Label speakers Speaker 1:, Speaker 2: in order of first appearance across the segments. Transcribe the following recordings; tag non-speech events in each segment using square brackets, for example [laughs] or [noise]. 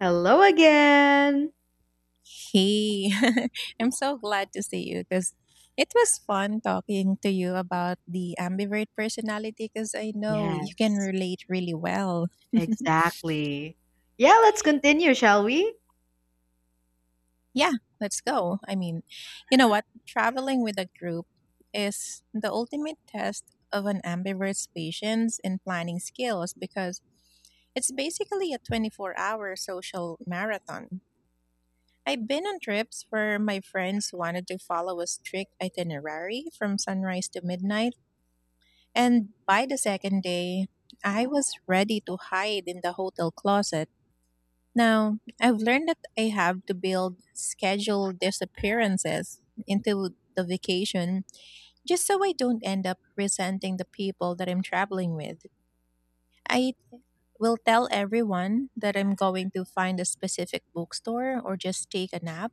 Speaker 1: Hello again.
Speaker 2: Hey, [laughs] I'm so glad to see you because it was fun talking to you about the ambivert personality because I know you can
Speaker 1: Yes.
Speaker 2: relate really well.
Speaker 1: Exactly. Yeah, let's continue, shall we?
Speaker 2: Yeah, let's go. I mean, you know what? Traveling with a group is the ultimate test of an ambivert's patience and planning skills because it's basically a 24-hour hour social marathon. I've been on trips where my friends wanted to follow a strict itinerary from sunrise to midnight. And by the second day, I was ready to hide in the hotel closet. Now, I've learned that I have to build scheduled disappearances into the vacation just so I don't end up resenting the people that I'm traveling with. I will tell everyone that I'm going to find a specific bookstore or just take a nap,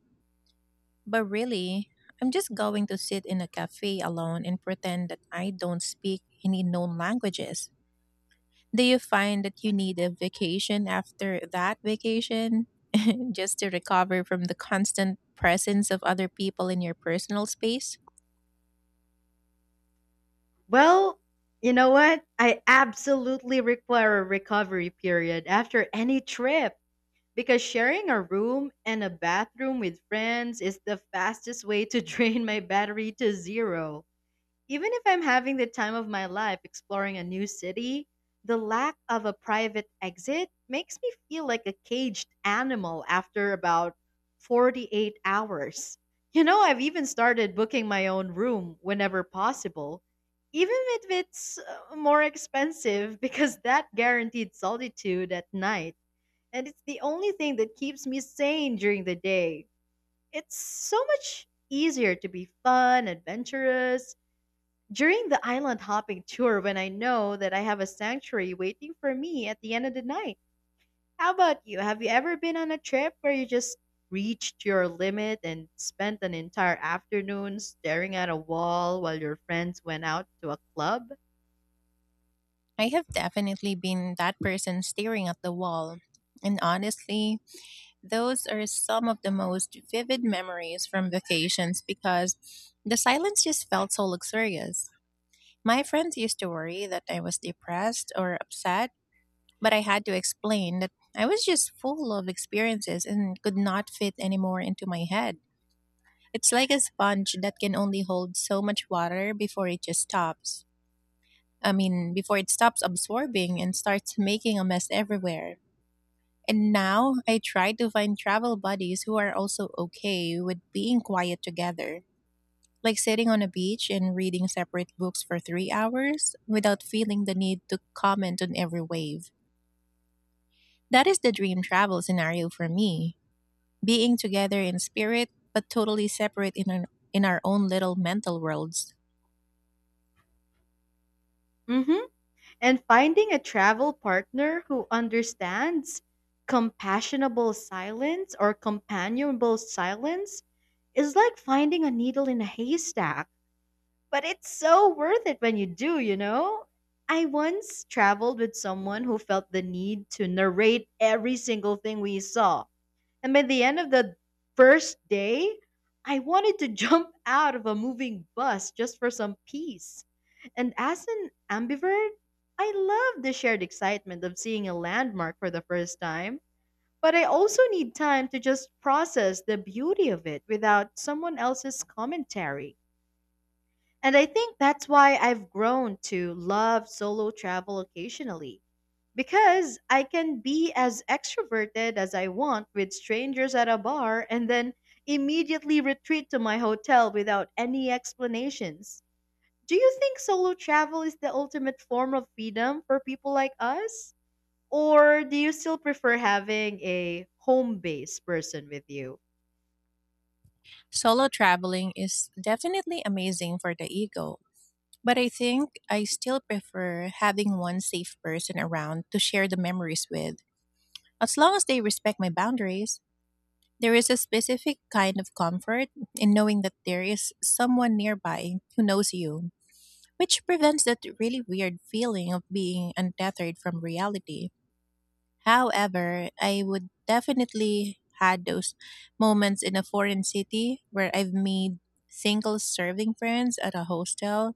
Speaker 2: but really, I'm just going to sit in a cafe alone and pretend that I don't speak any known languages. Do you find that you need a vacation after that vacation just to recover from the constant presence of other people in your personal space?
Speaker 1: Well, you know what? I absolutely require a recovery period after any trip because sharing a room and a bathroom with friends is the fastest way to [laughs] drain my battery to zero. Even if I'm having the time of my life exploring a new city, the lack of a private exit makes me feel like a caged animal after about 48 hours. I've even started booking my own room whenever possible, even if it's more expensive, [laughs] because that guaranteed solitude at night. And it's the only thing that keeps me sane during the day. It's so much easier to be fun, adventurous, during the island hopping tour, when I know that I have a sanctuary waiting for me at the end of the night. How about you? Have you ever been on a trip where you just reached your limit and spent an entire afternoon staring at a wall while your friends went out to a club?
Speaker 2: I have definitely been that person staring at the wall. And honestly, those are some of the most vivid memories from vacations because the silence just felt so luxurious. My friends used to worry that I was depressed or upset, but I had to explain that I was just full of experiences and could not fit any more into my head. It's like a sponge that can only hold so much water before it just stops. I mean, before it stops absorbing and starts making a mess everywhere. And now I try to find travel buddies who are also okay with being quiet together, like sitting on a beach and reading separate books for 3 hours without feeling the need to comment on every wave. That is the dream travel scenario for me, being together in spirit, but totally separate in our, own little mental worlds.
Speaker 1: Hmm. And finding a travel partner who understands compassionable silence, or companionable silence, is like finding a needle in a haystack. But it's so worth it when you do, you know? I once traveled with someone who felt the need to narrate every single thing we saw. And by the end of the first day, I wanted to [laughs] jump out of a moving bus just for some peace. And as an ambivert, I love the shared excitement of seeing a landmark for the first time. But I also need time to just process the beauty of it without someone else's commentary. And I think that's why I've grown to love solo travel occasionally. Because I can be as extroverted as I want with strangers at a bar, and then immediately retreat to my hotel without any explanations. Do you think solo travel is the ultimate form of freedom for people like us? Or do you still prefer having a home based person with you?
Speaker 2: Solo traveling is definitely amazing for the ego, but I think I still prefer having one safe person around to share the memories with. As long as they respect my boundaries, there is a specific kind of comfort in knowing that there is someone nearby who knows you, which prevents that really weird feeling of being untethered from reality. However, I would definitely had those moments in a foreign city where I've made single serving friends at a hostel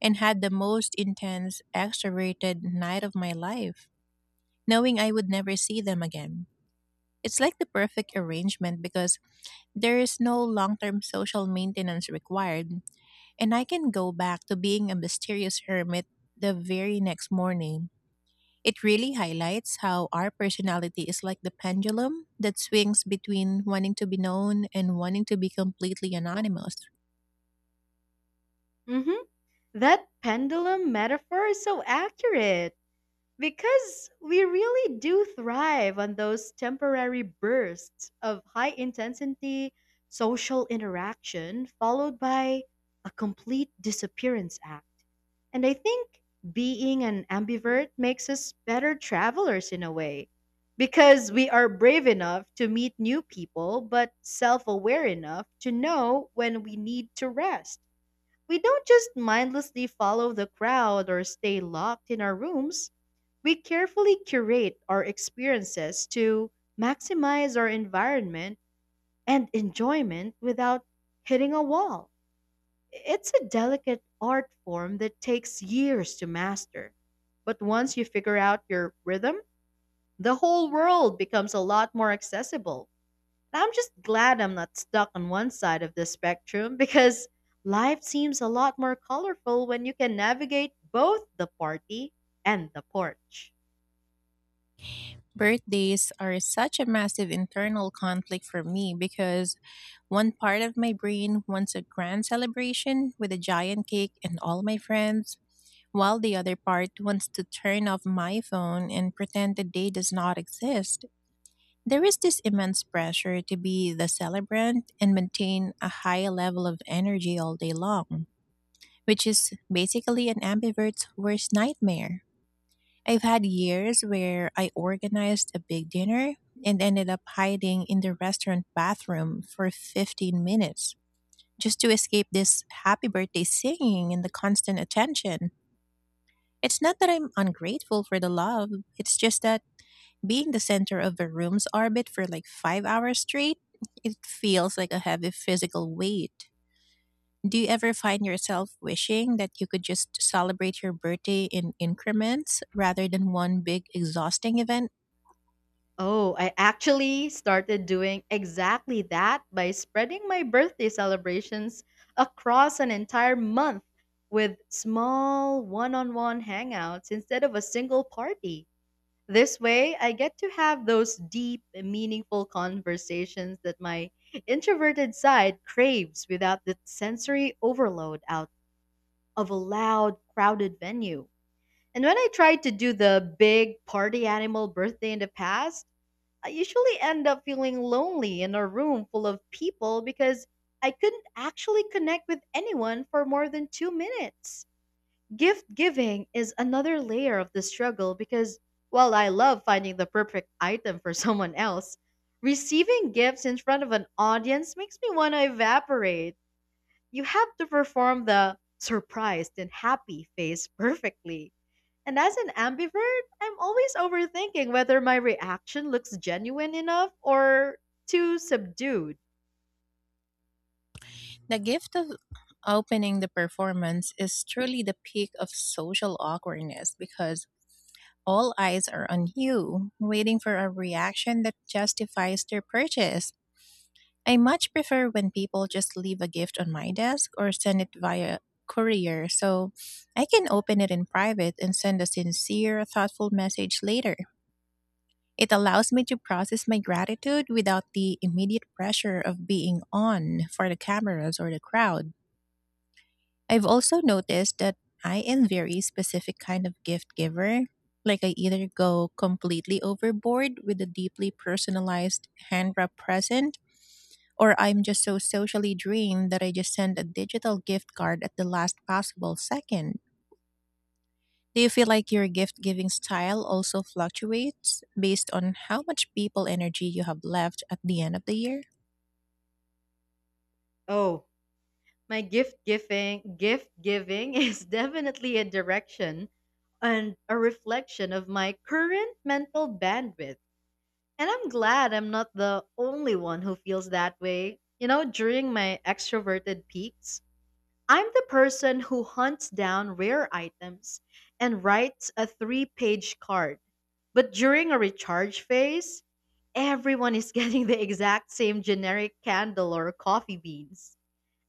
Speaker 2: and had the most intense extroverted night of my life, knowing I would never see them again. It's like the perfect arrangement because there is no long term social maintenance required, and I can go back to being a mysterious hermit the very next morning. It really highlights how our personality is like the pendulum that swings between wanting to be known and wanting to be completely anonymous.
Speaker 1: Hmm. That pendulum metaphor is so accurate. Because we really do thrive on those temporary bursts of high intensity social interaction followed by a complete disappearance act. And I think being an ambivert makes us better travelers in a way, because we are brave enough to meet new people but self aware enough to know when we need to rest. We don't just mindlessly follow the crowd or stay locked in our rooms. We carefully curate our experiences to maximize our environment and enjoyment without hitting a wall. It's a delicate art form that takes years to master. But once you figure out your rhythm, the whole world becomes a lot more accessible. And I'm just glad I'm not stuck on one side of the spectrum, because life seems a lot more colorful when you can navigate both the party and the porch.
Speaker 2: Birthdays are such a massive internal conflict for me because one part of my brain wants a grand celebration with a giant cake and all my friends, while the other part wants to turn off my phone and pretend the day does not exist. There is this immense pressure to be the celebrant and maintain a high level of energy all day long, which is basically an ambivert's worst nightmare. I've had years where I organized a big dinner and ended up hiding in the restaurant bathroom for 15 minutes just to escape this happy birthday singing and the constant attention. It's not that I'm ungrateful for the love, it's just that being the center of a room's orbit for like 5 hours straight, it feels like a heavy physical weight. Do you ever find yourself wishing that you could just celebrate your birthday in increments rather than one big exhausting event?
Speaker 1: Oh, I actually started doing exactly that, by spreading my birthday celebrations across an entire month with small one on one hangouts instead of a single party. This way, I get to have those deep, meaningful conversations that my introverted side craves without the sensory overload out of a loud, crowded venue. And when I tried to do the big party animal birthday in the past, I usually end up feeling lonely in a room full of people because I couldn't actually connect with anyone for more than 2 minutes. Gift giving is another layer of the struggle, because while I love finding the perfect item for [laughs] someone else, receiving gifts in front of an audience makes me want to evaporate. You have to perform the surprised and happy face perfectly, and as an ambivert, I'm always overthinking whether my reaction looks genuine enough or too subdued.
Speaker 2: The gift of opening the performance is truly the peak of social awkwardness because all eyes are on you, waiting for a reaction that justifies their purchase. I much prefer when people just leave a gift on my desk or send it via courier so I can open it in private and send a sincere, thoughtful message later. It allows me to process my gratitude without the immediate pressure of being on for the cameras or the crowd. I've also noticed that I am very specific kind of gift giver. Like I either go completely overboard with a deeply personalized hand wrapped present, or I'm just so socially drained that I just send a digital gift card at the last possible second. Do you feel like your gift giving style also fluctuates based on how much people energy you have left at the end of the year?
Speaker 1: Oh, my gift giving [laughs] is definitely a direction and a reflection of my current mental bandwidth. And I'm glad I'm not the only one who feels that way. During my extroverted peaks, I'm the person who hunts down rare items and writes a three-page card. But during a recharge phase, everyone is [laughs] getting the exact same generic candle or coffee beans.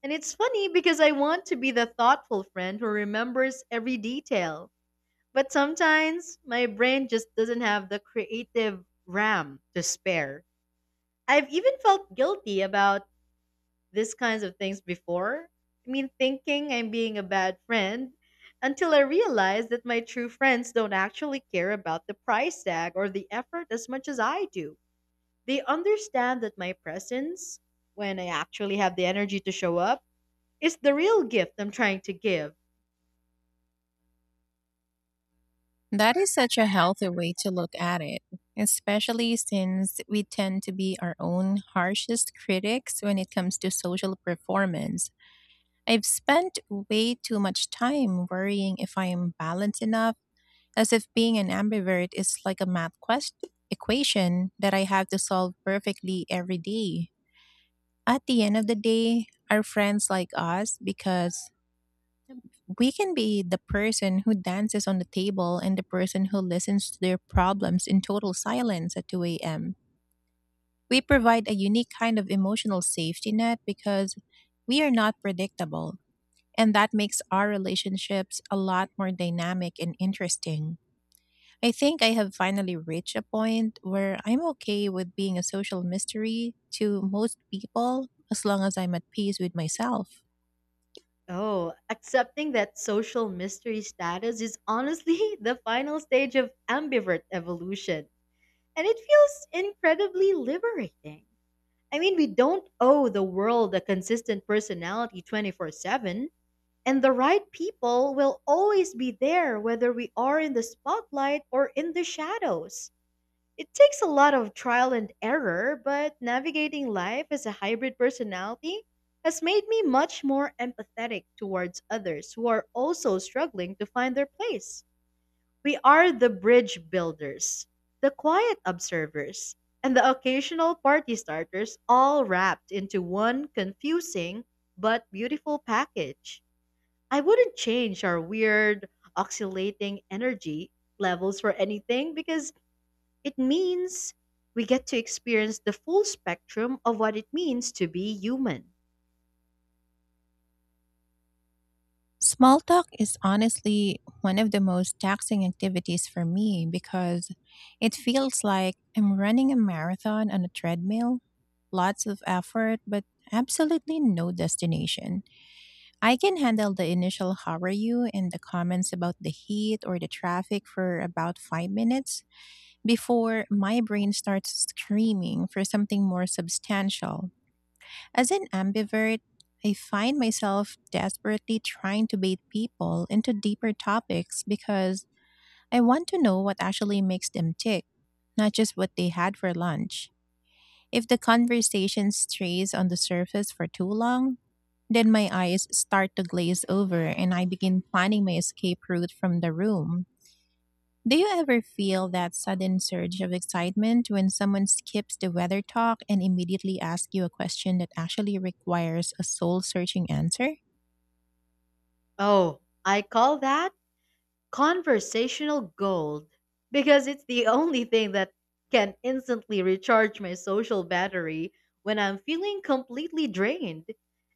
Speaker 1: And it's funny, because I want to be the thoughtful friend who remembers every detail. But sometimes my brain just doesn't have the creative RAM to spare. I've even felt guilty about these kinds of things before. I mean, thinking I'm being a bad friend, until I realized that my true friends don't actually care about the price tag or the effort as much as I do. They understand that my presence, when I actually have the energy to show up, is the real gift I'm trying to give.
Speaker 2: That is such a healthy way to look at it, especially since we tend to be our own harshest critics when it comes to social performance. I've spent way too much time worrying if I am balanced enough, as if being an ambivert is like a math quest equation that I have to solve perfectly every day. At the end of the day, our friends like us because we can be the person who dances on the table and the person who listens to their problems in total silence at 2 a.m. We provide a unique kind of emotional safety net because we are not predictable, and that makes our relationships a lot more dynamic and interesting. I think I have finally reached a point where I'm okay with being a social mystery to most people as long as I'm at peace with myself.
Speaker 1: Oh, accepting that social mystery status is honestly [laughs] the final stage of ambivert evolution, and it feels incredibly liberating. I mean, we don't owe the world a consistent personality 24/7, and the right people will always be there, whether we are in the spotlight or in the shadows. It takes a lot of trial and error, but navigating life as a hybrid personality has made me much more empathetic towards others who are also struggling to find their place. We are the bridge builders, the quiet observers, and the occasional party starters, all wrapped into one confusing but beautiful package. I wouldn't change our weird, oscillating energy levels for anything, because it means we get to experience the full spectrum of what it means to be human.
Speaker 2: Small talk is honestly one of the most taxing activities for me because it feels like I'm running a marathon on a treadmill, lots of effort, but absolutely no destination. I can handle the initial how are you and the comments about the heat or the traffic for about 5 minutes before my brain starts screaming for something more substantial. As an ambivert, I find myself desperately trying to bait people into deeper topics because I want to know what actually makes them tick, not just what they had for lunch. If the conversation strays on the surface for too long, then my eyes start to glaze over and I begin planning my escape route from the room. Do you ever feel that sudden surge of excitement when someone skips the weather talk and immediately asks you a question that actually requires a soul searching answer?
Speaker 1: Oh, I call that conversational gold, because it's the only thing that can instantly recharge my social battery when I'm feeling completely drained.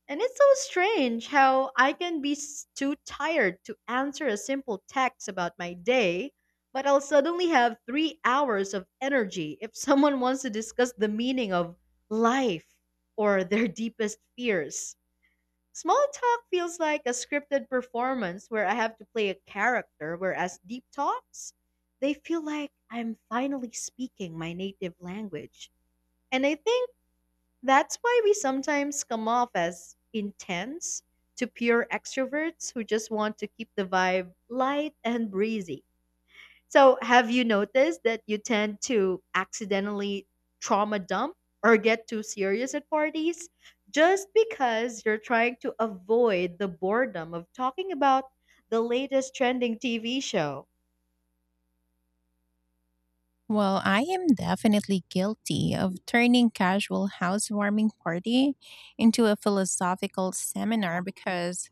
Speaker 1: And it's so strange how I can be too tired to answer a simple text about my day, but I'll suddenly have 3 hours of energy if someone wants to discuss the meaning of life or their [laughs] deepest fears. Small talk feels like a scripted performance where I have to play a character, whereas deep talks, they feel like I'm finally speaking my native language. And I think that's why we sometimes come off as intense to pure extroverts who just want to keep the vibe light and breezy. So, have you noticed that you tend to accidentally trauma dump or get too serious at parties, just because you're trying to avoid the boredom of talking about the latest trending TV show?
Speaker 2: Well, I am definitely guilty of turning casual housewarming party into a philosophical seminar because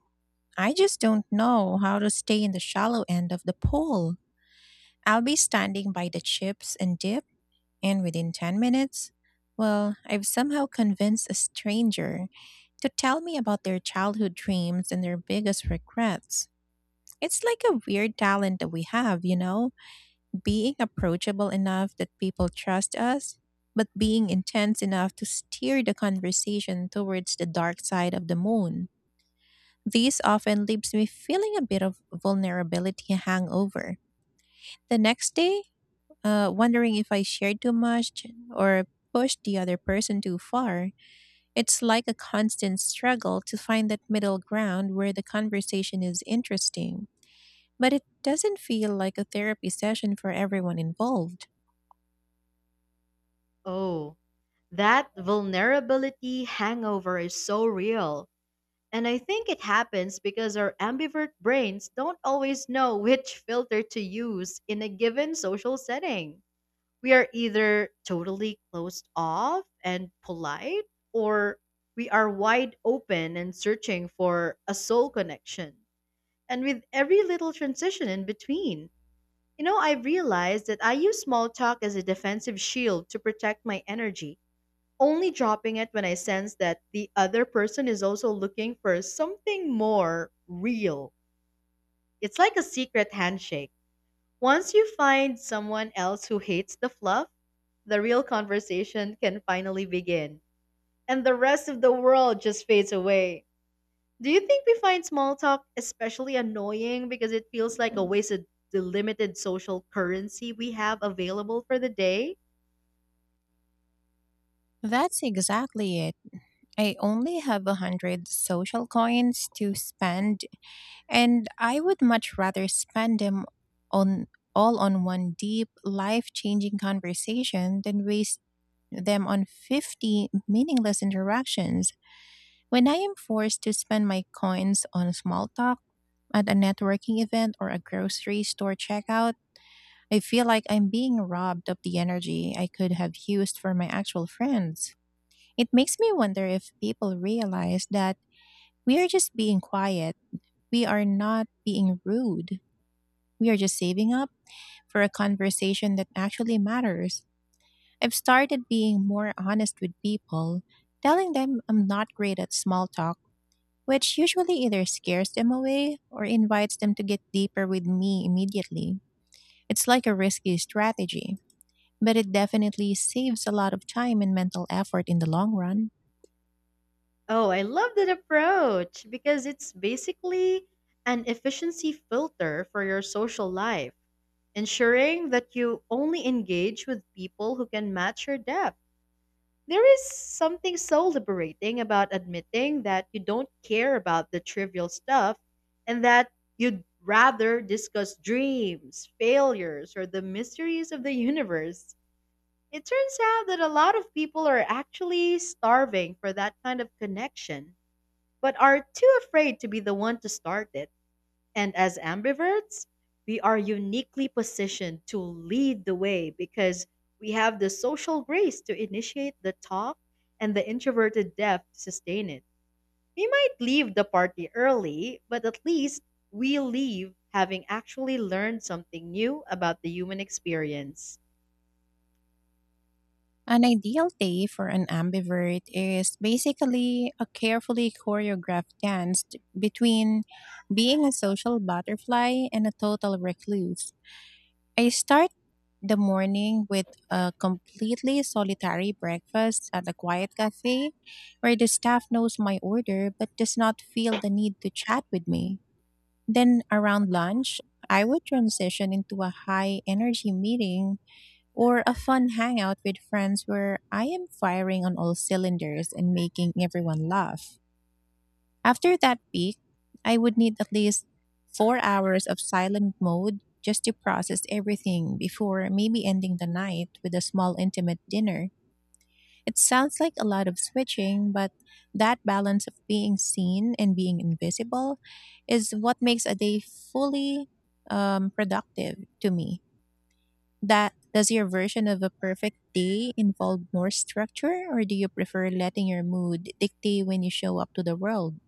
Speaker 2: I just don't know how to stay in the shallow end of the pool. I'll be standing by the chips and dip, and within 10 minutes, well, I've somehow convinced a stranger to tell me about their childhood dreams and their biggest regrets. It's like a weird talent that we have, being approachable enough that people trust us, but being intense enough to steer the conversation towards the dark side of the moon. This often leaves me feeling a bit of vulnerability hangover. The next day, wondering if I shared too much or pushed the other person too far. It's like a constant struggle to find that middle ground where the conversation is interesting, but it doesn't feel like a therapy session for everyone involved.
Speaker 1: Oh, that vulnerability hangover is so real. And I think it happens because our ambivert brains don't always know which filter to use in a given social setting. We are either totally closed off and polite, or we are wide open and searching for a soul connection, and with every little transition in between. I've realized that I use small talk as a defensive shield to protect my energy, only dropping it when I sense that the other person is also looking for something more real. It's like a secret handshake. Once you find someone else who hates the fluff, the real conversation can finally begin, and the rest of the world just fades away. Do you think we find small talk especially annoying because it feels like a waste of the limited social currency we have available for the day?
Speaker 2: That's exactly it. I only have 100 social coins to spend, and I would much rather spend them on, all on one deep, life changing conversation than waste them on 50 meaningless interactions. When I am forced to spend my coins on small talk at a networking event or a grocery store checkout, I feel like I'm being robbed of the energy I could have used for my actual friends. It makes me wonder if people realize that we are just being quiet. We are not being rude. We are just saving up for a conversation that actually matters. I've started being more honest with people, telling them I'm not great at small talk, which usually either scares them away or invites them to get deeper with me immediately. It's like a risky strategy, but it definitely saves a lot of time and mental effort in the long run.
Speaker 1: Oh, I love that approach, because it's basically an efficiency filter for your social life, ensuring that you only engage with people who can match your depth. There is something so liberating about admitting that you don't care about the trivial stuff, and that you'd rather discuss dreams, failures, or the mysteries of the universe. It turns out that a lot of people are actually starving for that kind of connection, but are too afraid to be the one to start it. And as ambiverts, we are uniquely positioned to lead the way, because we have the social grace to initiate the talk and the introverted depth to sustain it. We might leave the party early, but at least we leave having actually learned something new about the human experience.
Speaker 2: An ideal day for an ambivert is basically a carefully choreographed dance between being a social butterfly and a total recluse. I start the morning with a completely solitary breakfast at a quiet cafe where the staff knows my order but does not feel the need to chat with me. Then around lunch, I would transition into a high energy meeting or a fun hangout with friends where I am firing on all cylinders and making everyone laugh. After that peak, I would need at least 4 hours of silent mode just to process everything before maybe ending the night with a small intimate dinner. It sounds like a lot of switching, but that balance of being seen and being invisible is what makes a day fully productive to me. That does your version of a perfect day involve more structure, or do you prefer letting your mood dictate when you show up to the world?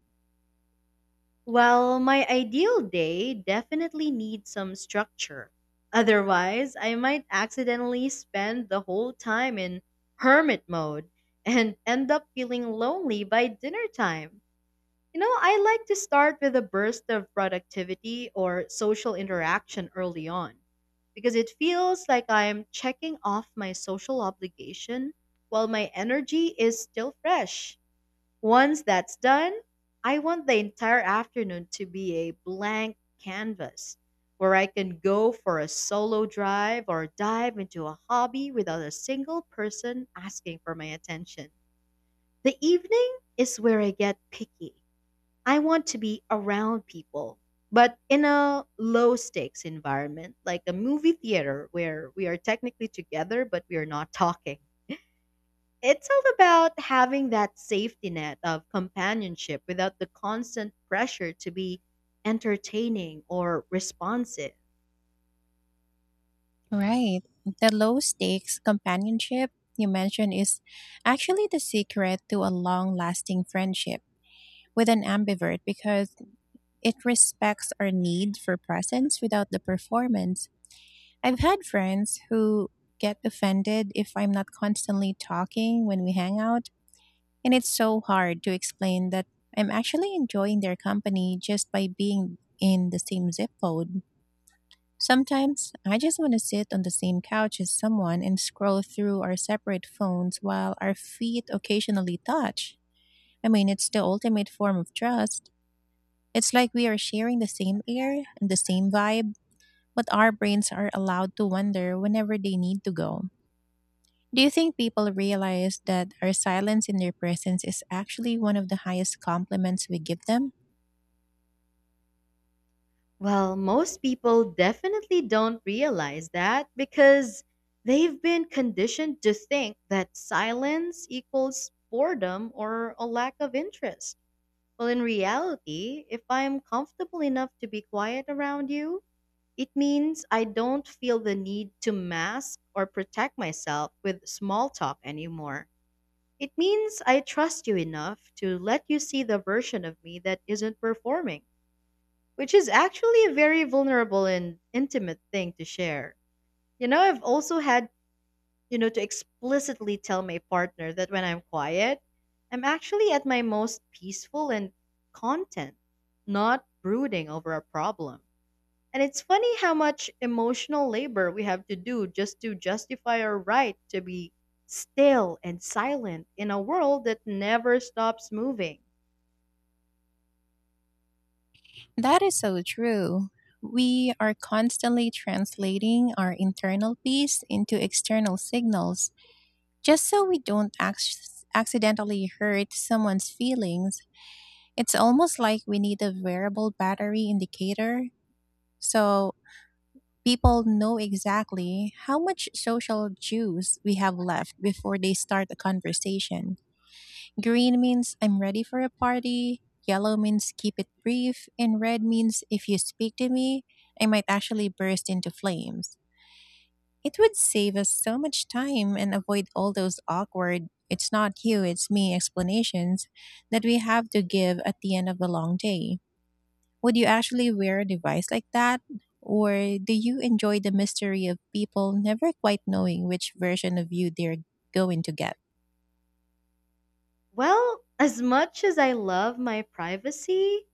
Speaker 1: Well, my ideal day definitely needs some structure. Otherwise, I might accidentally spend the whole time in hermit mode and end up feeling lonely by dinner time. I like to start with a burst of productivity or social interaction early on, because it feels like I am checking off my social obligation while my energy is still fresh. Once that's done, I want the entire afternoon to be a blank canvas, where I can go for a solo drive or dive into a hobby without a single person asking for my attention. The evening is where I get picky. I want to be around people, but in a low stakes environment, like a movie theater where we are technically together but we are not talking. It's all about having that safety net of companionship without the constant pressure to be entertaining or responsive.
Speaker 2: Right. The low stakes companionship you mentioned is actually the secret to a long lasting friendship with an ambivert, because it respects our need for presence without the performance. I've had friends who get offended if I'm not constantly talking when we hang out, and it's so hard to explain that I'm actually enjoying their company just by being in the same zip code. Sometimes I just want to sit on the same couch as someone and scroll through our separate phones while our feet occasionally touch. I mean, it's the ultimate form of trust. It's like we are sharing the same air and the same vibe, but our brains are allowed to wander whenever they need to go. Do you think people realize that our silence in their presence is actually one of the highest compliments we give them?
Speaker 1: Well, most people definitely don't realize that because they've been conditioned to think that silence equals boredom or a lack of interest. Well, in reality, if I'm comfortable enough to be quiet around you, it means I don't feel the need to mask or protect myself with small talk anymore. It means I trust you enough to let you see the version of me that isn't performing, which is actually a very vulnerable and intimate thing to share. You know, I've also had to explicitly tell my partner that when I'm quiet, I'm actually at my most peaceful and content, not brooding over a problem. And it's funny how much emotional labor we have to do just to justify our right to be still and silent in a world that never stops moving.
Speaker 2: That is so true. We are constantly translating our internal peace into external signals just so we don't accidentally hurt someone's feelings. It's almost like we need a variable battery indicator so people know exactly how much social juice we have left before they start a conversation. Green means I'm ready for a party, yellow means keep it brief, and red means if you speak to me, I might actually burst into flames. It would save us so much time and avoid all those awkward, "it's not you, it's me" explanations that we have to give at the end of a long day. Would you actually wear a device like that? Or do you enjoy the mystery of people never quite knowing which version of you they're going to get?
Speaker 1: Well, as much as I love my privacy,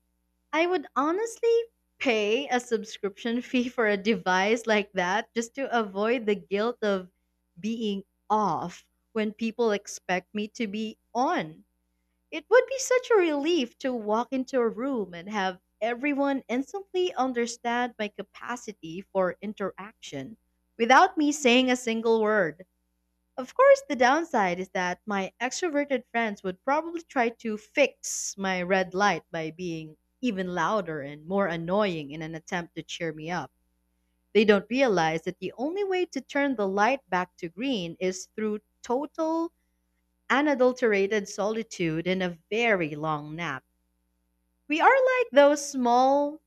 Speaker 1: I would honestly pay a subscription [laughs] fee for a device like that just to avoid the guilt of being off when people expect me to be on. It would be such a relief to walk into a room and have everyone instantly understand my capacity for interaction without me saying a single word. Of course, the downside is that my extroverted friends would probably try to fix my red light by being even louder and more annoying in an attempt to cheer me up. They don't realize that the only way to turn the light back to green is through total, unadulterated solitude and a very long nap. We are like those small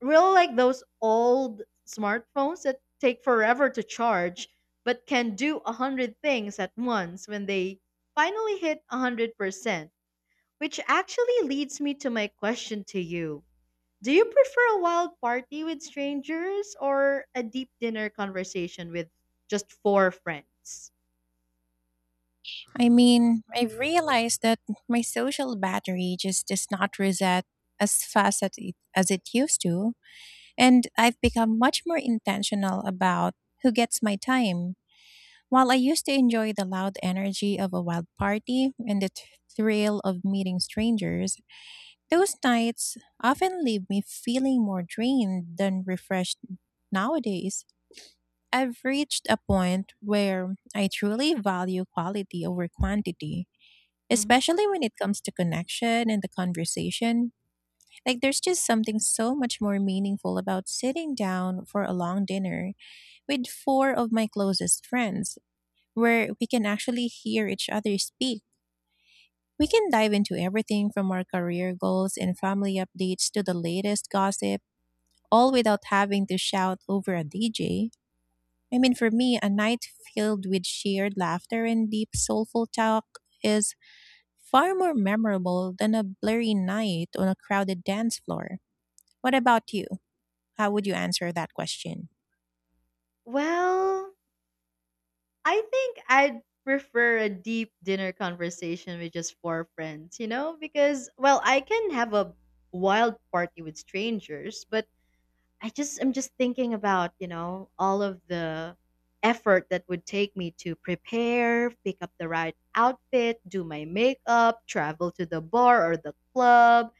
Speaker 1: real like those old smartphones that take forever to charge, but can do a hundred things at once when they finally hit 100%, which actually leads me to my question to you: do you prefer a wild party with strangers, or a deep dinner conversation with just four friends?
Speaker 2: I mean, I've realized that my social battery just does not reset as fast as it used to, and I've become much more intentional about who gets my time. While I used to enjoy the loud energy of a wild party and the thrill of meeting strangers, those nights often leave me feeling more drained than refreshed nowadays. I've reached a point where I truly value quality over quantity,
Speaker 1: Hmm.
Speaker 2: especially when it comes to connection and the conversation. Like, there's just something so much more meaningful about sitting down for a long dinner with four of my closest friends, where we can actually hear each other speak. We can dive into everything from our career goals and family updates to the latest gossip, all without having to shout over a DJ. I mean, for me, a night filled with shared laughter and deep, soulful talk is far more memorable than a blurry night on a crowded dance floor. What about you? How would you answer that question?
Speaker 1: Well, I think I'd prefer a deep dinner conversation with just four friends, you know, because, well, I can have a wild party with strangers, but I'm just thinking about, all of the effort that would take me to prepare, pick up the right outfit, do my makeup, travel to the bar or the club,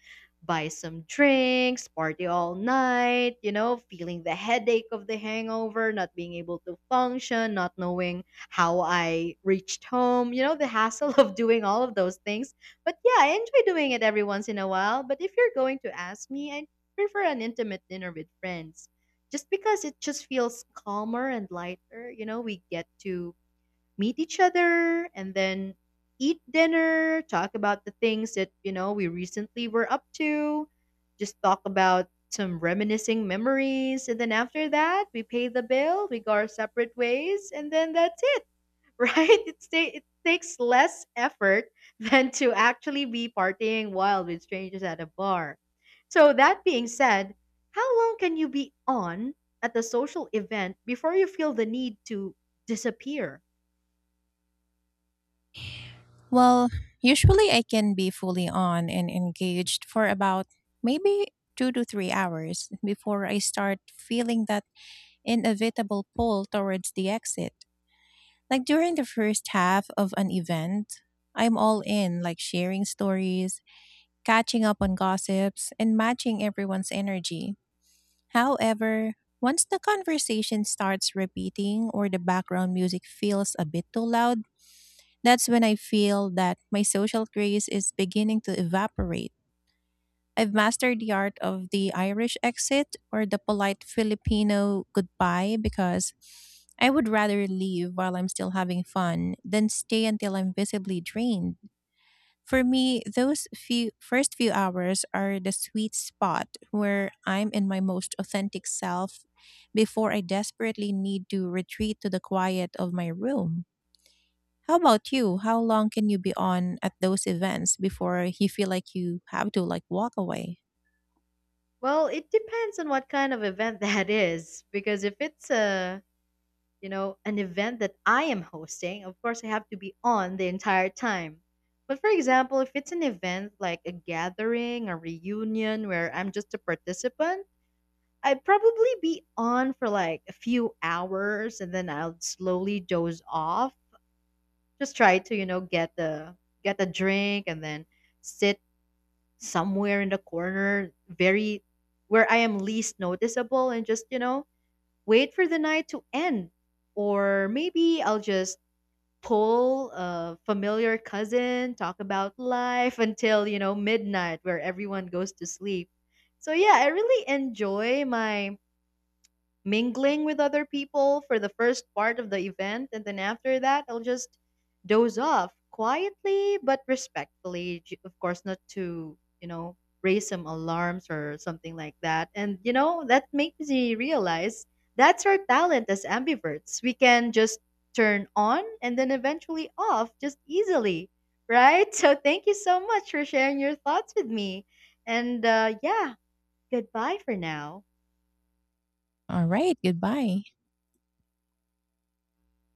Speaker 1: buy some drinks, party all night, feeling the headache of the hangover, not being able to function, not knowing how I reached home, the hassle [laughs] of doing all of those things. But yeah, I enjoy doing it every once in a while. But if you're going to ask me, I prefer an intimate dinner with friends just because it just feels calmer and lighter. You know, we get to meet each other and then eat dinner, talk about the things that, we recently were up to, just talk about some reminiscing memories. And then after that, we pay the bill, we go our separate ways, and then that's it, right? [laughs] It takes less effort [laughs] than to actually be partying wild with strangers at a bar. So, that being said, how long can you be on at a social event before you feel the need to disappear?
Speaker 2: Well, usually I can be fully on and engaged for about maybe 2 to 3 hours before I start feeling that inevitable pull towards the exit. Like during the first half of an event, I'm all in, like sharing stories, catching up on gossips, and matching everyone's energy. However, once the conversation starts repeating or the background music feels a bit too loud, that's when I feel that my social grace is beginning to evaporate. I've mastered the art of the Irish exit or the polite Filipino goodbye, because I would rather leave while I'm still having fun than stay until I'm visibly drained. For me, those few first few hours are the sweet spot where I'm in my most authentic self before I desperately need to retreat to the quiet of my room. How about you? How long can you be on at those events before you feel like you have to, like, walk away?
Speaker 1: Well, it depends on what kind of event [laughs] that is, because if it's an event that I am hosting, of course I have to be on the entire time. But for example, if it's an event like a gathering, a reunion where I'm just a participant, I'd probably be on for like a few hours, and then I'll slowly doze off. Just try to, get a drink and then sit somewhere in the corner, very where I am least noticeable, and just, wait for the night to end. Or maybe I'll just pull a familiar cousin, talk about life until, midnight, where everyone goes to sleep. So yeah, I really enjoy my mingling with other people for the first part of the event, and then after that I'll just doze off quietly but respectfully, of course, not to raise some alarms or something like that. And that makes me realize, that's our talent as ambiverts. We can just turn on and then eventually off, just easily, right? [laughs] So thank you so much for sharing your thoughts with me, and yeah, goodbye for now.
Speaker 2: All right, goodbye.